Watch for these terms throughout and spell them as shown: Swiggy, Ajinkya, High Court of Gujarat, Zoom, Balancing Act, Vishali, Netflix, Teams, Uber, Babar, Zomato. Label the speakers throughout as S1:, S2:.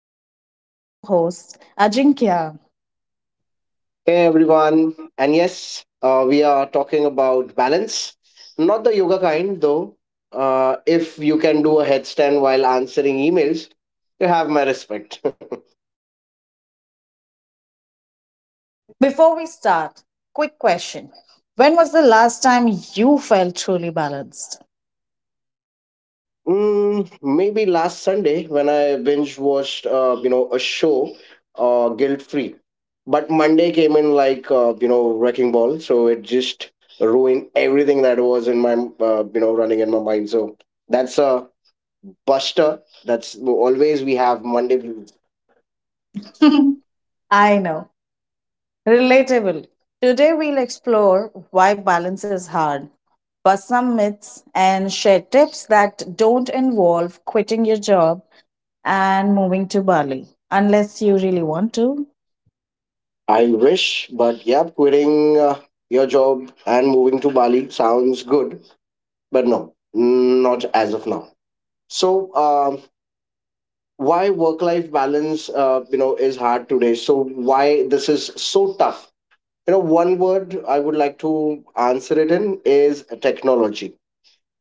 S1: with me is my co host, Ajinkya.
S2: Hey everyone, and yes, we are talking about balance, not the yoga kind though. If you can do a headstand while answering emails, you have my respect.
S1: Before we start, quick question. When was the last time you felt truly balanced?
S2: Maybe last Sunday when I binge watched, a show, guilt free, but Monday came in like you know wrecking ball, so it just ruined everything that was in my running in my mind. So that's a buster. That's always we have Monday.
S1: I know, relatable. Today, we'll explore why balance is hard, bust some myths, and share tips that don't involve quitting your job and moving to Bali, unless you really want to.
S2: I wish, but yeah, quitting your job and moving to Bali sounds good, but no, not as of now. So, why work-life balance, is hard today? So, why this is so tough? You know, one word I would like to answer it in is technology.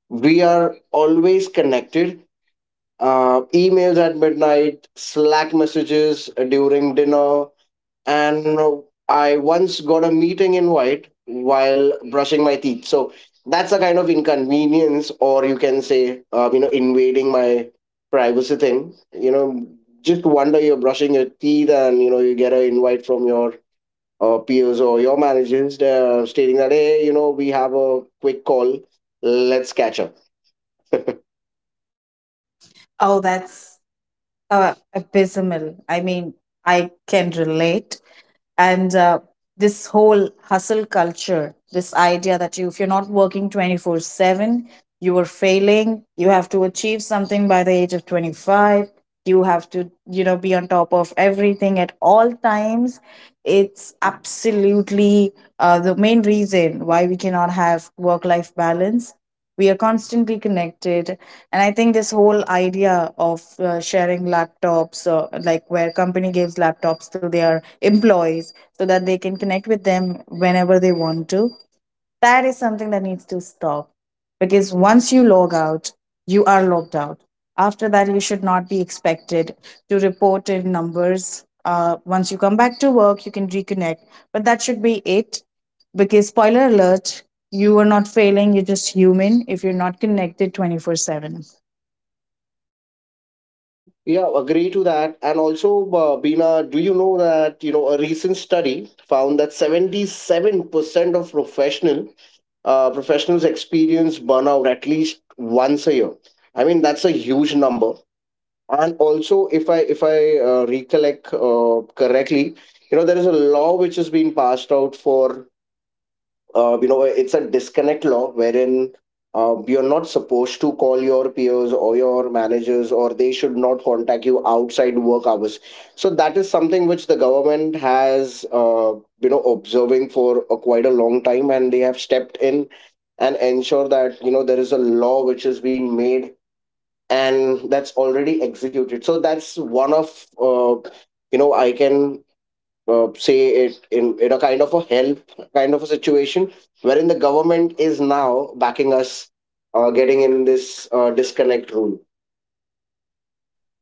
S2: We are always connected. Emails at midnight, Slack messages during dinner, and I once got a meeting invite while brushing my teeth. So that's a kind of inconvenience, or you can say, invading my privacy thing. You know, just one day you're brushing your teeth, and you know, you get an invite from your peers or your managers stating that, hey, you know, we have a quick call, let's catch up.
S1: Oh, that's abysmal. I mean, I can relate. And this whole hustle culture, this idea that you, if you're not working 24/7, you were failing. You have to achieve something by the age of 25. You have to be on top of everything at all times. It's absolutely the main reason why we cannot have work life balance. We are constantly connected, and I think this whole idea of sharing laptops, or like where company gives laptops to their employees so that they can connect with them whenever they want to, that is something that needs to stop. Because once you log out, you are logged out. After that, you should not be expected to report in numbers. Once you come back to work, you can reconnect, but that should be it, because spoiler alert, you are not failing, you're just human if you're not connected 24/7.
S2: Yeah, agree to that. And also, Bina, do you know that you know a recent study found that 77% of professional professionals experience burnout at least once a year. I mean, that's a huge number. And also, if I recollect correctly, you know there is a law which has been passed out for you know it's a disconnect law wherein, you're not supposed to call your peers or your managers, or they should not contact you outside work hours, so that is something which the government has you know observing for a, quite a long time, and they have stepped in and ensure that you know there is a law which is being made, and that's already executed. So that's one of you know I can say it in a kind of a help kind of a situation wherein the government is now backing us, getting in this disconnect rule.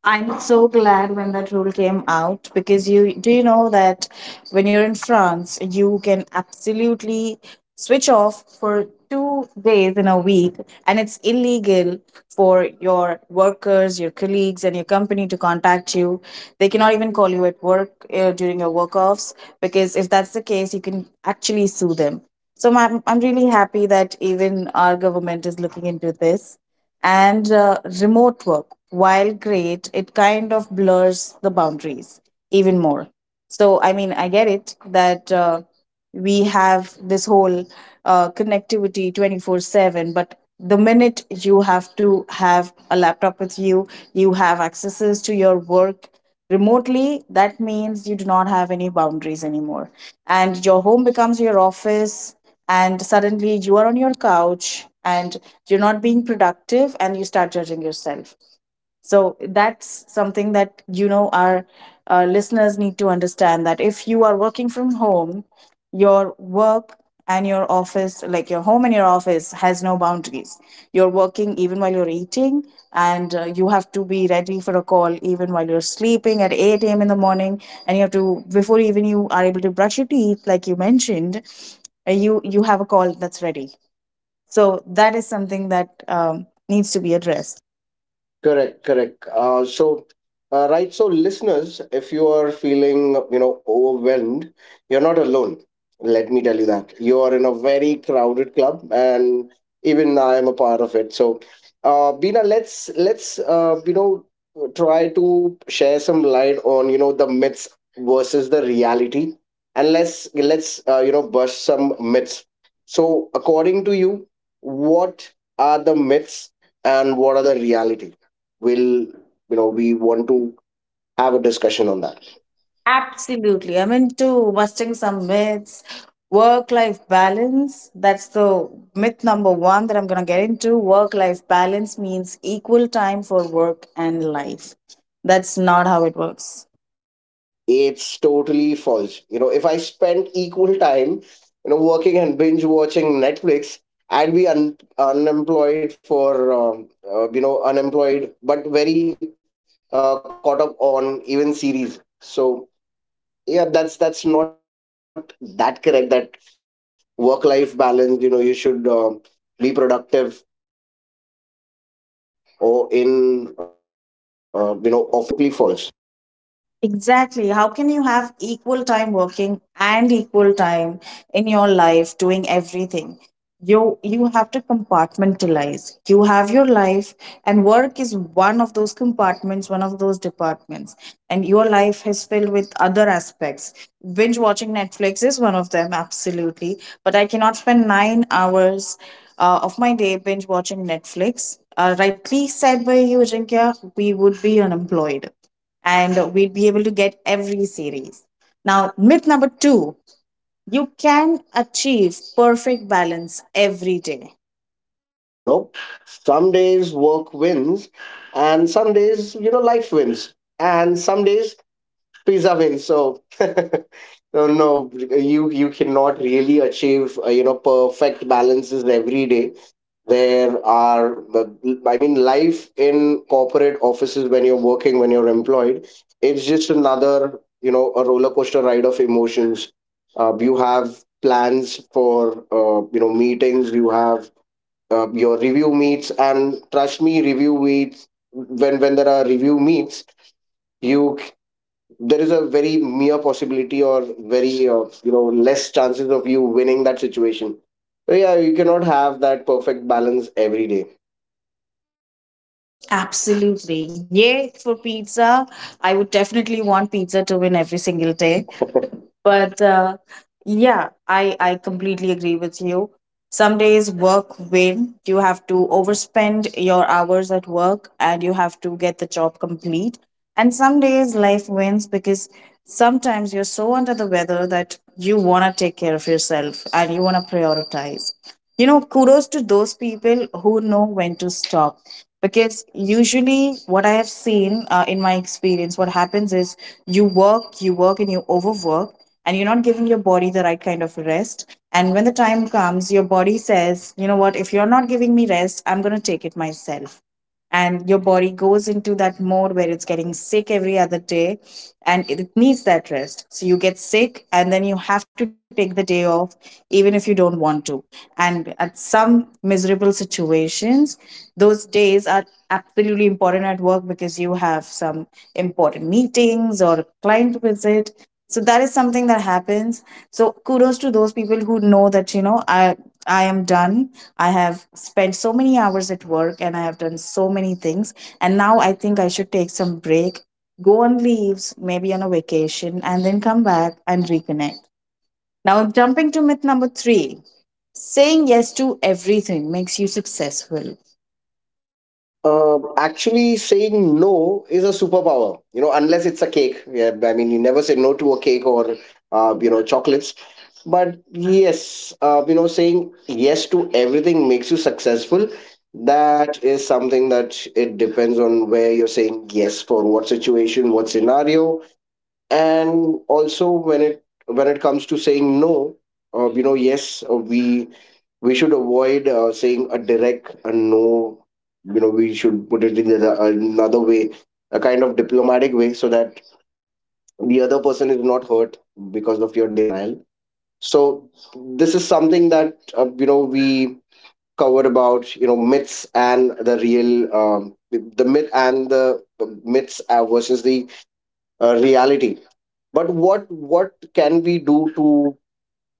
S1: I'm so glad when that rule came out, because you do you know that when you're in France, you can absolutely switch off for 2 days in a week, and it's illegal for your workers, your colleagues, and your company to contact you. They cannot even call you at work during your work offs, because if that's the case, you can actually sue them. So I'm really happy that even our government is looking into this. And remote work, while great, it kind of blurs the boundaries even more. So, I mean, I get it that we have this whole connectivity 24/7, but the minute you have to have a laptop with you, you have accesses to your work remotely, that means you do not have any boundaries anymore, and your home becomes your office, and suddenly you are on your couch and you're not being productive and you start judging yourself. So that's something that our listeners need to understand, that if you are working from home, your work and your office, like your home and your office, has no boundaries. You're working even while you're eating, and you have to be ready for a call even while you're sleeping at 8 a.m in the morning, and you have to, before even you are able to brush your teeth, like you mentioned, you have a call that's ready. So that is something that needs to be addressed.
S2: Correct, correct. Right. So, listeners, if you are feeling, you know, overwhelmed, you're not alone. Let me tell you that you are in a very crowded club, and even I am a part of it. So, Bina, let's you know try to share some light on you know the myths versus the reality, and let's you know bust some myths. So, according to you, what are the myths and what are the reality? Will, you know, we want to have a discussion on that.
S1: Absolutely. I'm into busting some myths. Work life balance, that's the myth number one that I'm going to get into. Work life balance means equal time for work and life. That's not how it works.
S2: It's totally false. You know, if I spent equal time you know working and binge watching Netflix, I'd be unemployed for you know unemployed, but very caught up on even series. So yeah, that's not that correct, that work life balance, you know, you should be productive or in you know office as well as outside office. So that totally, that's totally false.
S1: Exactly. How can you have equal time working and equal time in your life doing everything? You have to compartmentalize. You have your life, and work is one of those compartments, one of those departments. And your life is filled with other aspects. Binge watching Netflix is one of them, absolutely. But I cannot spend 9 hours of my day binge watching Netflix.
S2: All right.
S1: Rightly said by you, Jinkya, we would be unemployed and we'd be able to get every series. Now, myth number two, you can achieve perfect balance every day.
S2: Nope. Some days work wins, and some days, you know, life wins. And some days pizza wins. So no, no, you cannot really achieve you know perfect balances every day. There are, I mean, life in corporate offices when you're working, when you're employed, it's just another you know a roller coaster ride of emotions. You have plans for you know meetings. You have your review meets, and trust me, review meets, when there are review meets, you there is a very mere possibility or very you know less chances of you winning that situation. So yeah, you cannot have that perfect balance every day.
S1: Absolutely. Yay for pizza. I would definitely want pizza to win every single day. But yeah, I completely agree with you. Some days work win. You have to overspend your hours at work and you have to get the job complete. And some days life wins, because sometimes you're so under the weather that you want to take care of yourself and you want to prioritize. You know, kudos to those people who know when to stop. Because usually, what I have seen in my experience, what happens is you work, and you overwork, and you're not giving your body the right kind of rest. And when the time comes, your body says, you know what, if you're not giving me rest, I'm going to take it myself. And your body goes into that mode where it's getting sick every other day, and it needs that rest, so you get sick and then you have to take the day off, even if you don't want to. And at some miserable situations, those days are absolutely important at work because you have some important meetings or a client visit, so that is something that happens. So kudos to those people who know that, you know, I am done. I have spent so many hours at work and I have done so many things, and now I think I should take some break, go on leaves, maybe on a vacation, and then come back and reconnect. Now jumping to myth number 3, saying yes to everything makes you successful.
S2: Actually, saying no is a superpower. You know, unless it's a cake, yeah, I mean, you never say no to a cake or you know chocolates. But yes, you know, saying yes to everything makes you successful, that is something that it depends on where you're saying yes, for what situation, what scenario. And also when it, when it comes to saying no, you know, yes, we should avoid saying a direct a no. You know, we should put it in the, another way, a kind of diplomatic way so that the other person is not hurt because of your denial. So this is something that you know we covered about you know myths and the real the myth and the myths versus the reality. But what can we do to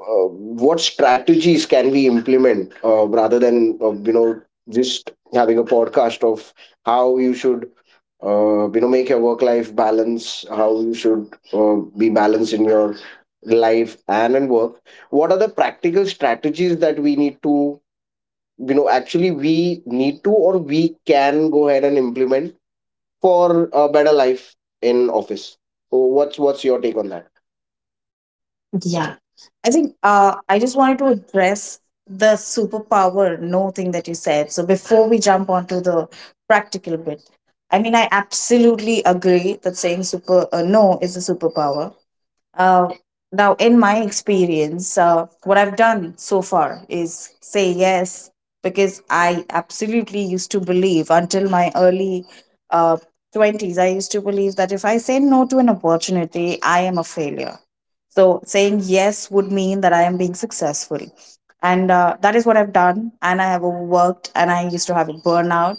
S2: uh, what strategies can we implement, rather than you know just having a podcast of how you should you know make your work life balance, how you should be balanced in your life and in work, what are the practical strategies that we need to you know actually we need to, or we can go ahead and implement for a better life in office? So what's your take on that?
S1: Yeah. I think I just wanted to address the superpower no thing that you said. So before we jump onto the practical bit, I mean, I absolutely agree that saying super no is a superpower. Uh, Now, in my experience, what I've done so far is say yes, because I absolutely used to believe until my early uh, 20s, I used to believe that if I say no to an opportunity, I am a failure. So, saying yes would mean that I am being successful. And that is what I've done. And I have overworked and I used to have a burnout.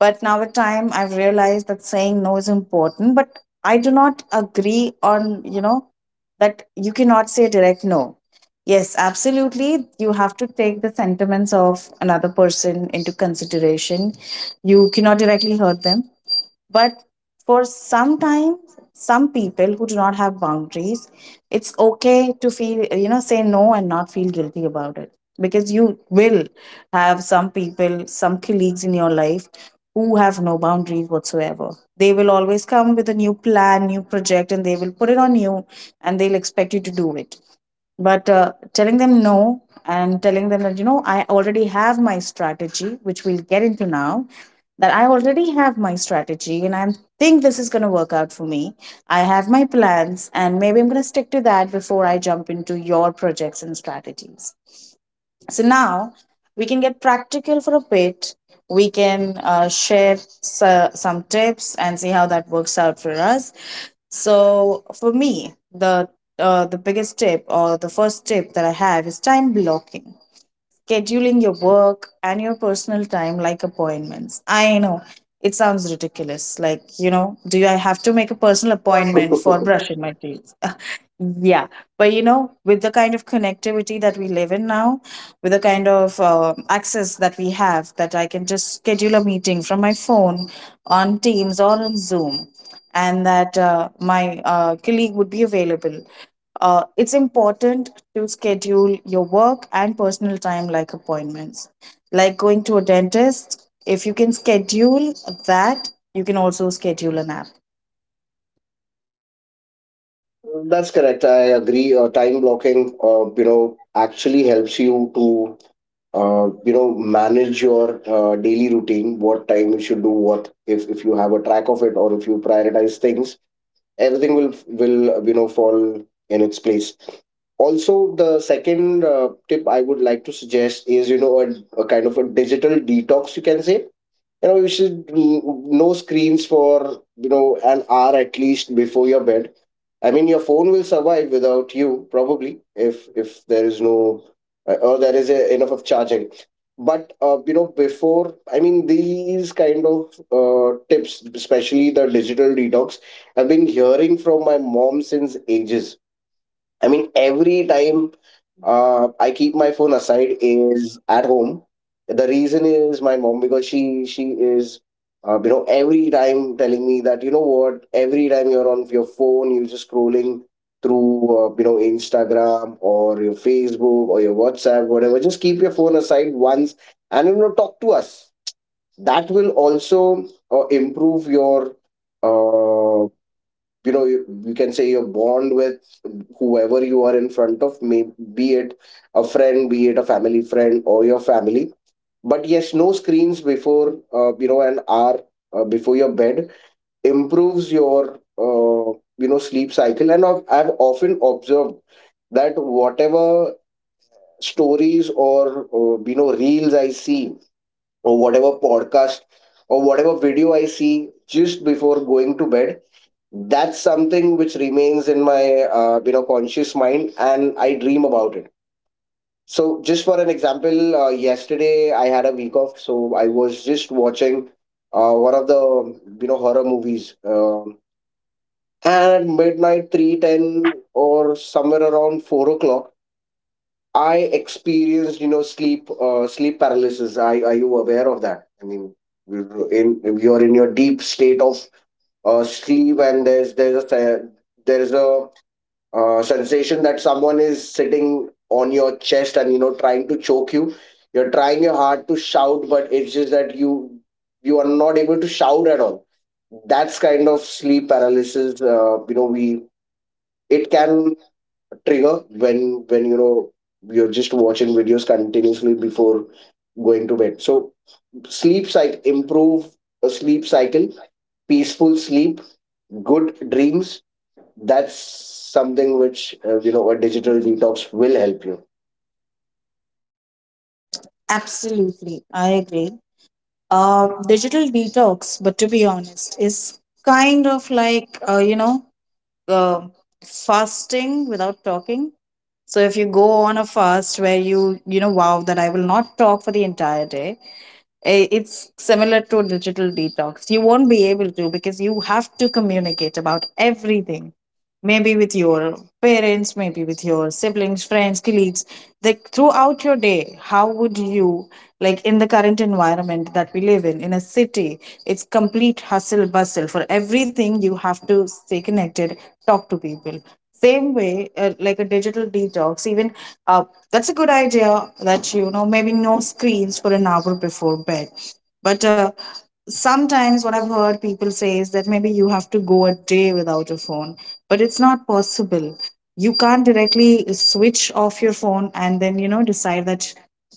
S1: But now, with time, I've realized that saying no is important. But I do not agree on, you know, that you cannot say direct no. Yes, absolutely. You have to take the sentiments of another person into consideration. You cannot directly hurt them. But for some time, some people who do not have boundaries, it's okay to feel, you know, say no and not feel guilty about it. Because you will have some people, some colleagues in your life who have no boundaries whatsoever. They will always come with a new plan, new project, and they will put it on you and they'll expect you to do it. But telling them no, and telling them that, you know, I already have my strategy, which we'll get into now, that I already have my strategy, and I think this is going to work out for me. I have my plans, and maybe I'm going to stick to that before I jump into your projects and strategies. So now we can get practical for a bit. We can share some tips and see how that works out for us. So for me, the biggest tip, or the first tip that I have, is time blocking, scheduling your work and your personal time like appointments. I know it sounds ridiculous. Like, you know, do I have to make a personal
S2: Good point.
S1: appointment
S2: Good
S1: for
S2: question.
S1: brushing my teeth? Yeah. But, you know, with the kind of connectivity that we live in now, with the kind of access that we have, that I can just schedule a meeting from my phone on Teams or on Zoom, and that my colleague would be available, it's important to schedule your work and personal time like appointments, like going to a dentist. If you can schedule that, you can also schedule an app.
S2: That's correct. I agree. Time blocking, actually helps you to, manage your daily routine. What time you should do what. If you have a track of it, or if you prioritize things, everything will you know fall in its place. Also, the second tip I would like to suggest is you know a kind of a digital detox. You can say, you know, you should no screens for you know an hour at least before your bed. I mean, your phone will survive without you, probably, if there is no or there is a, enough of charging. But before, I mean, these kind of tips, especially the digital detox, I've been hearing from my mom since ages. I mean, every time I keep my phone aside is at home. The reason is my mom because she is you know every time telling me that you know what, every time you're on your phone, you're just scrolling through you know Instagram or your Facebook or your WhatsApp, whatever, just keep your phone aside once, and you know talk to us. That will also improve your uh, you know, you can say, your bond with whoever you are in front of, may be it a friend, be it a family friend or your family. But yes, no screens before you know an hour before your bed improves your uh, you know sleep cycle. And I've often observed that whatever stories or you know reels I see, or whatever podcast or whatever video I see just before going to bed, that's something which remains in my you know conscious mind and I dream about it. So just for an example, yesterday I had a week off, so I was just watching one of the you know horror movies, and at midnight 3:10 or somewhere around 4 o'clock, I experienced you know sleep sleep paralysis. Are you aware of that? I mean, you're in your deep state of sleep, and there's a sensation that someone is sitting on your chest and you know trying to choke you. You're trying your hard to shout, but it's just that you are not able to shout at all. That's kind of sleep paralysis. You know, we it can trigger when you know you're just watching videos continuously before going to bed. So sleep cycle improve, a sleep cycle, peaceful sleep, good dreams, that's something which you know a digital detox will help you.
S1: Absolutely, I agree. Digital detox, but to be honest, is kind of like uh, fasting without talking. So if you go on a fast where you know vow that I will not talk for the entire day, it's similar to digital detox. You won't be able to because you have to communicate about everything. Maybe with your parents, maybe with your siblings, friends, colleagues. Like throughout your day, how would you, like in the current environment that we live in a city, it's complete hustle bustle. For everything, you have to stay connected, talk to people. Same way, like a digital detox, even uh, that's a good idea that you know maybe no screens for an hour before bed. But sometimes what I've heard people say is that maybe you have to go a day without a phone, but it's not possible. You can't directly switch off your phone and then you know decide that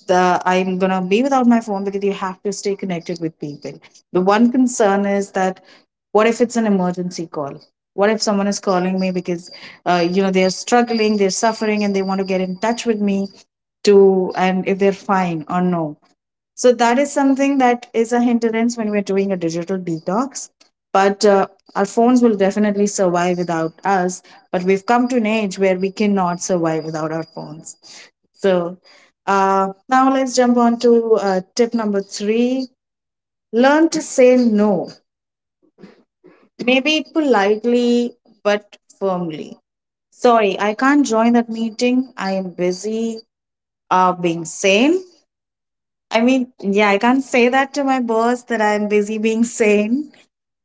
S1: the I'm gonna be without my phone because you have to stay connected with people. The one concern is that what if it's an emergency call? What if someone is calling me because you know they're struggling, they're suffering, and they want to get in touch with me to and if they're fine or no. So that is something that is a hindrance when we're doing a digital detox. But our phones will definitely survive without us, but we've come to an age where we cannot survive without our phones. So now let's jump on to tip number three: learn to say no. Maybe politely, but firmly. Sorry, I can't join that meeting. I am busy being sane. I mean, yeah, I can't say that to my boss that I am busy being sane.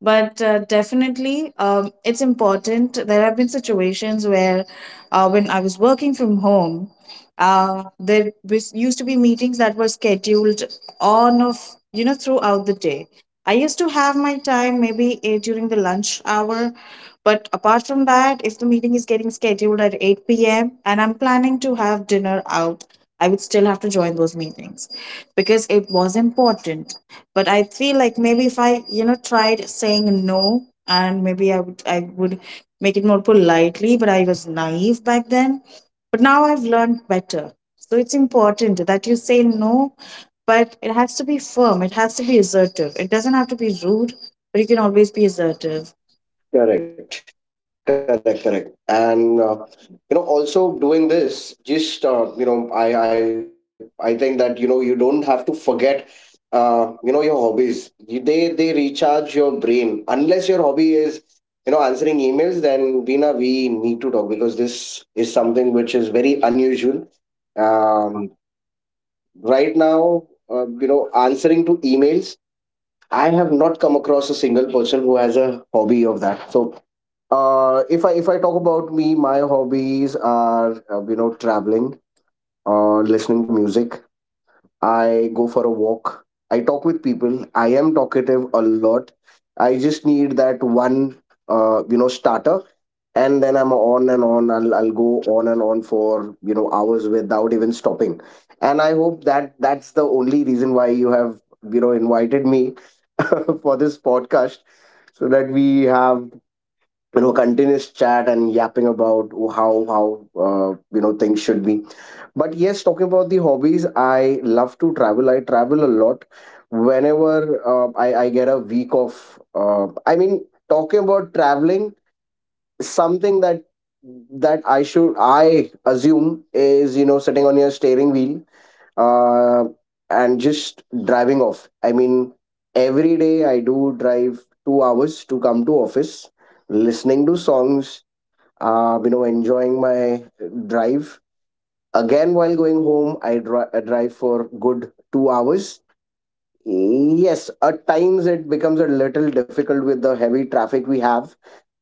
S1: But definitely it's important. There have been situations where when I was working from home, there used to be meetings that were scheduled on of you know throughout the day. I used to have my time maybe during the lunch hour. But apart from that, if the meeting is getting scheduled at 8 p.m and I'm planning to have dinner out, I would still have to join those meetings because it was important. But I feel like maybe if I you know tried saying no, and maybe I would make it more politely, but I was naive back then. But now I've learned better. So it's important that you say no, but it has to be firm, it has to be assertive, it doesn't have to be rude. But you can always be assertive.
S2: Correct, correct, correct. And you know also doing this, just you know, I think that you know you don't have to forget you know your hobbies. You- they recharge your brain, unless your hobby is you know answering emails. Then Veena, we need to talk, because this is something which is very unusual, um, right now, you know, answering to emails. I have not come across a single person who has a hobby of that. So, if I talk about me, my hobbies are you know traveling, listening to music, I go for a walk. I talk with people. I am talkative a lot. I just need that one, starter, and then I'm on and on. I'll go on and on for you know hours without even stopping. And I hope that that's the only reason why you have invited me for this podcast, so that we have continuous chat and yapping about how uh, things should be. But yes, talking about the hobbies, I love to travel. I travel a lot. Whenever I get a week of, I mean, talking about traveling, something that I assume is sitting on your steering wheel, uh, and just driving off. I mean, every day I do drive 2 hours to come to office, listening to songs, enjoying my drive. Again, while going home, I drive for good 2 hours. Yes, at times it becomes a little difficult with the heavy traffic we have.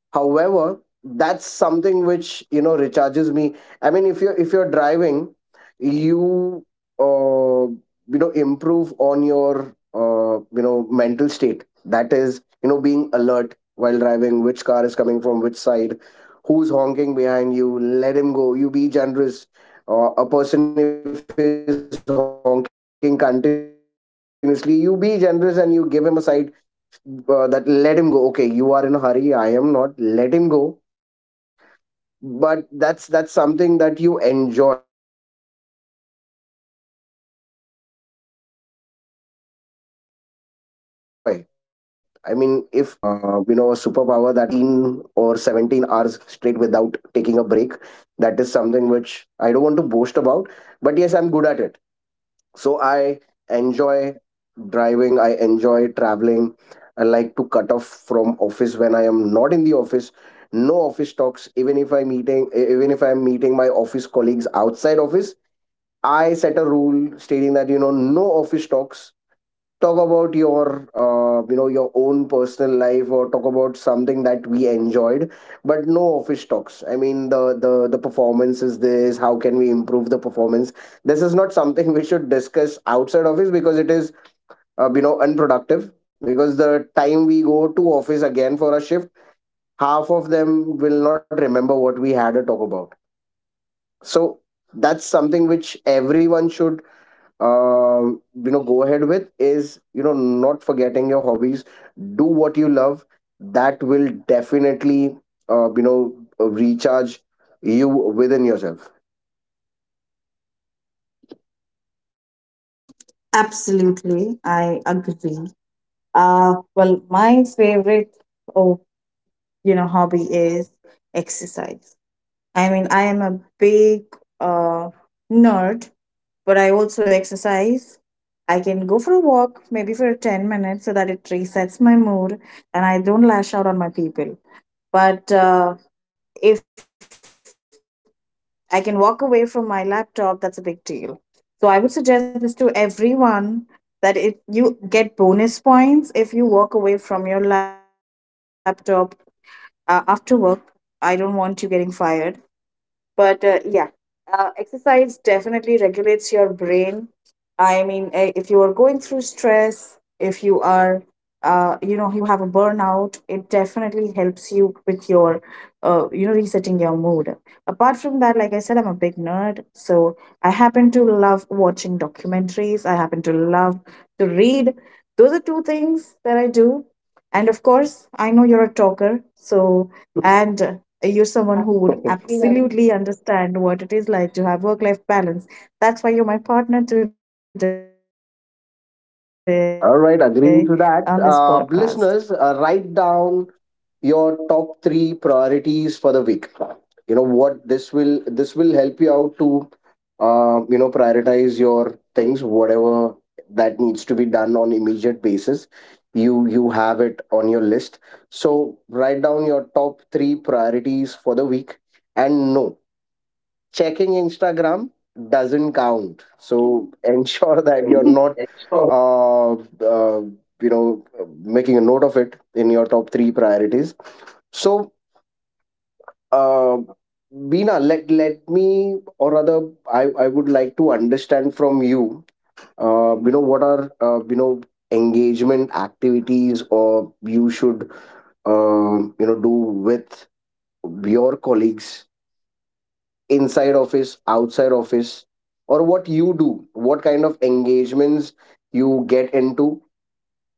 S2: However, that's something which recharges me. I mean, if you're driving, you uh, you know improve on your mental state. That is, being alert while driving, which car is coming from which side, who's honking behind you. Let him go, you be generous. A person, if he's honking continuously, you be generous and you give him a side. That, let him go. Okay, you are in a hurry, I am not, let him go. But that's something that you enjoy. I mean, if I travel every day, that is one of a superpower that I have. I can drive for straight, 18 or 17 hours straight without taking a break. That is something which I don't want to boast about, but yes, I'm good at it. So I enjoy driving, I enjoy traveling. I like to cut off from office when I am not in the office. No office talks, even if I'm meeting, even if I'm meeting my office colleagues outside office. I set a rule stating that, no office talks. Talk about your, your own personal life, or talk about something that we enjoyed, but no office talks. I mean, the performance is this. How can we improve the performance? This is not something we should discuss outside office because it is unproductive, because the time we go to office again for a shift, half of them will not remember what we had a talk about. So that's something which everyone should go ahead with, is not forgetting your hobbies. Do what you love. That will definitely uh, you know recharge you within yourself.
S1: Absolutely, I agree. Well, my favorite, oh, you know, hobby is exercise. I mean, I am a big uh, nerd, but I also exercise. I can go for a walk, maybe for 10 minutes, so that it resets my mood and I don't lash out on my people. But if I can walk away from my laptop, that's a big deal. So I would suggest this to everyone that it you get bonus points if you walk away from your laptop after work. I don't want you getting fired, but yeah, exercise definitely regulates your brain. I mean, if you are going through stress, if you are, you know, you have a burnout, it definitely helps you with your, you know, resetting your mood. Apart from that, like I said, I'm a big nerd. So I happen to love watching documentaries. I happen to love to read. Those are two things that I do. And of course, I know you're a talker. So, and you're someone who would absolutely understand what it is like to have work life balance. That's why you're my partner today on this podcast.
S2: All right, agreeing to that, listeners, write down your top three priorities for the week. You know what, this will help you out to prioritize your things, whatever that needs to be done on immediate basis. You have it on your list. So write down your top three priorities for the week. And know, checking Instagram doesn't count. So ensure that you're not, uh, uh, you know, making a note of it in your top three priorities. So, uh, Bina, let me, or rather, I would like to understand from you, what are engagement activities or you should do with your colleagues, inside office, outside office, or what you do, what kind of engagements you get into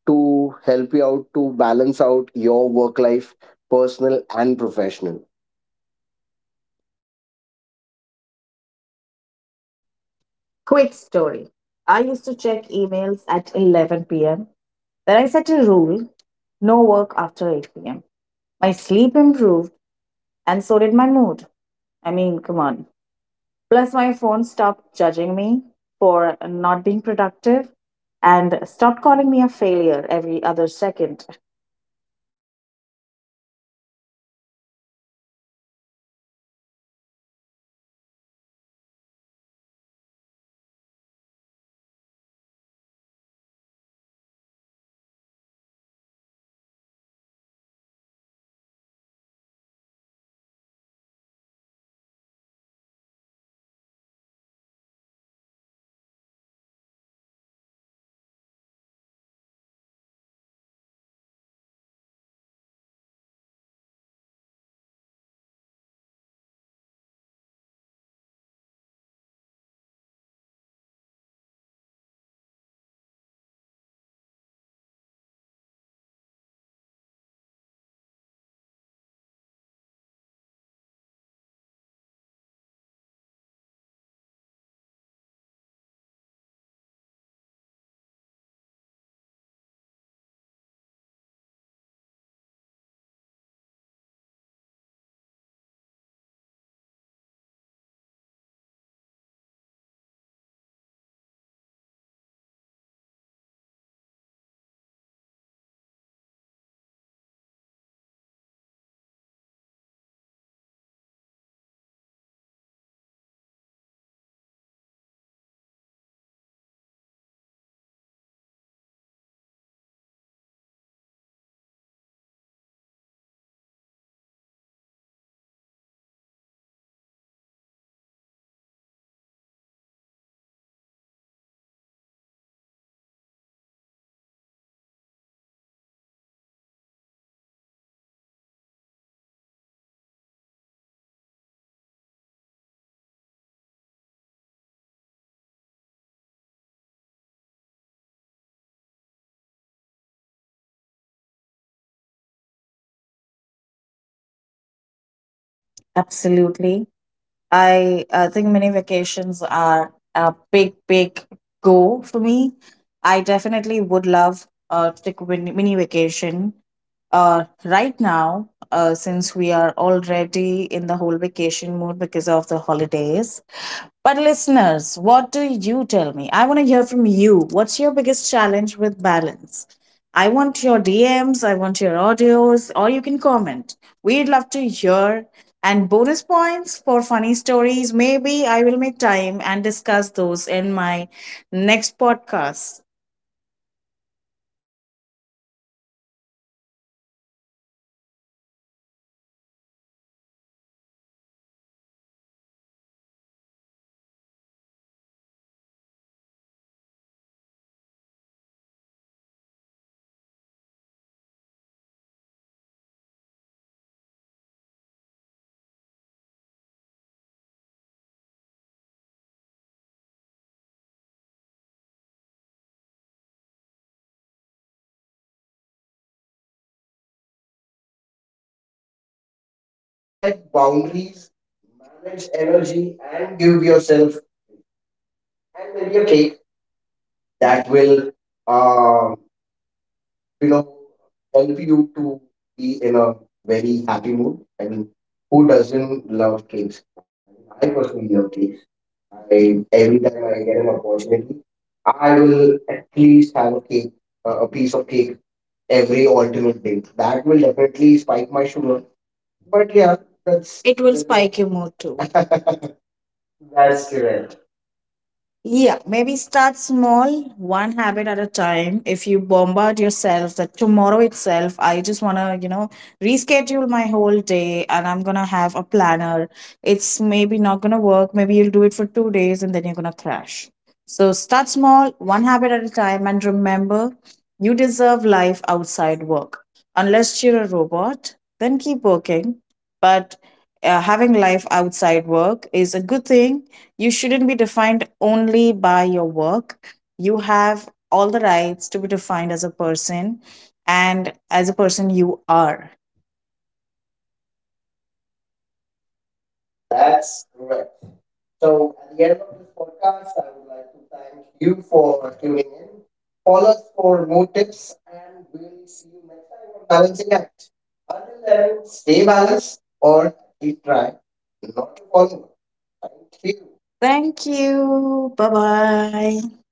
S2: to help you out to balance out your work life, personal and professional.
S1: Quick story. I used to check emails at 11 p.m. Then I set a rule: no work after 8 p.m. My sleep improved, and so did my mood. I mean, come on. Plus, my phone stopped judging me for not being productive and stopped calling me a failure every other second. Absolutely. I think mini vacations are a big, big go for me. I definitely would love to take a mini vacation right now, since we are already in the whole vacation mood because of the holidays. But, listeners, what do you tell me? I want to hear from you. What's your biggest challenge with balance? I want your DMs, I want your audios, or you can comment. We'd love to hear, and bonus points for funny stories. Maybe I will make time and discuss those in my next podcast. You know, set boundaries, manage energy, and give yourself and maybe a cake that will, um, you know, help you to be in a very happy mood. I mean, who doesn't love cakes? I personally love cakes. I every time I get an opportunity, I will at least have a cake, a piece of cake every alternate day. That will definitely spike my sugar. But yeah, that's it will spike your mood too. That's correct. Yeah, maybe start small, one habit at a time. If you bombard yourself that tomorrow itself, I just want to, you know, reschedule my whole day and I'm going to have a planner. It's maybe not going to work. Maybe you'll do it for 2 days and then you're going to crash. So start small, one habit at a time. And remember, you deserve life outside work. Unless you're a robot, then keep working. But having life outside work is a good thing. You shouldn't be defined only by your work. You have all the rights to be defined as a person, and as a person you are. That's correct. So at the end of this podcast, I would like to thank you for tuning in. Follow us for more tips, and we'll see you next time on Balancing Act. Until then, stay balanced or keep trying not to follow. Thank you. Thank you. Bye bye.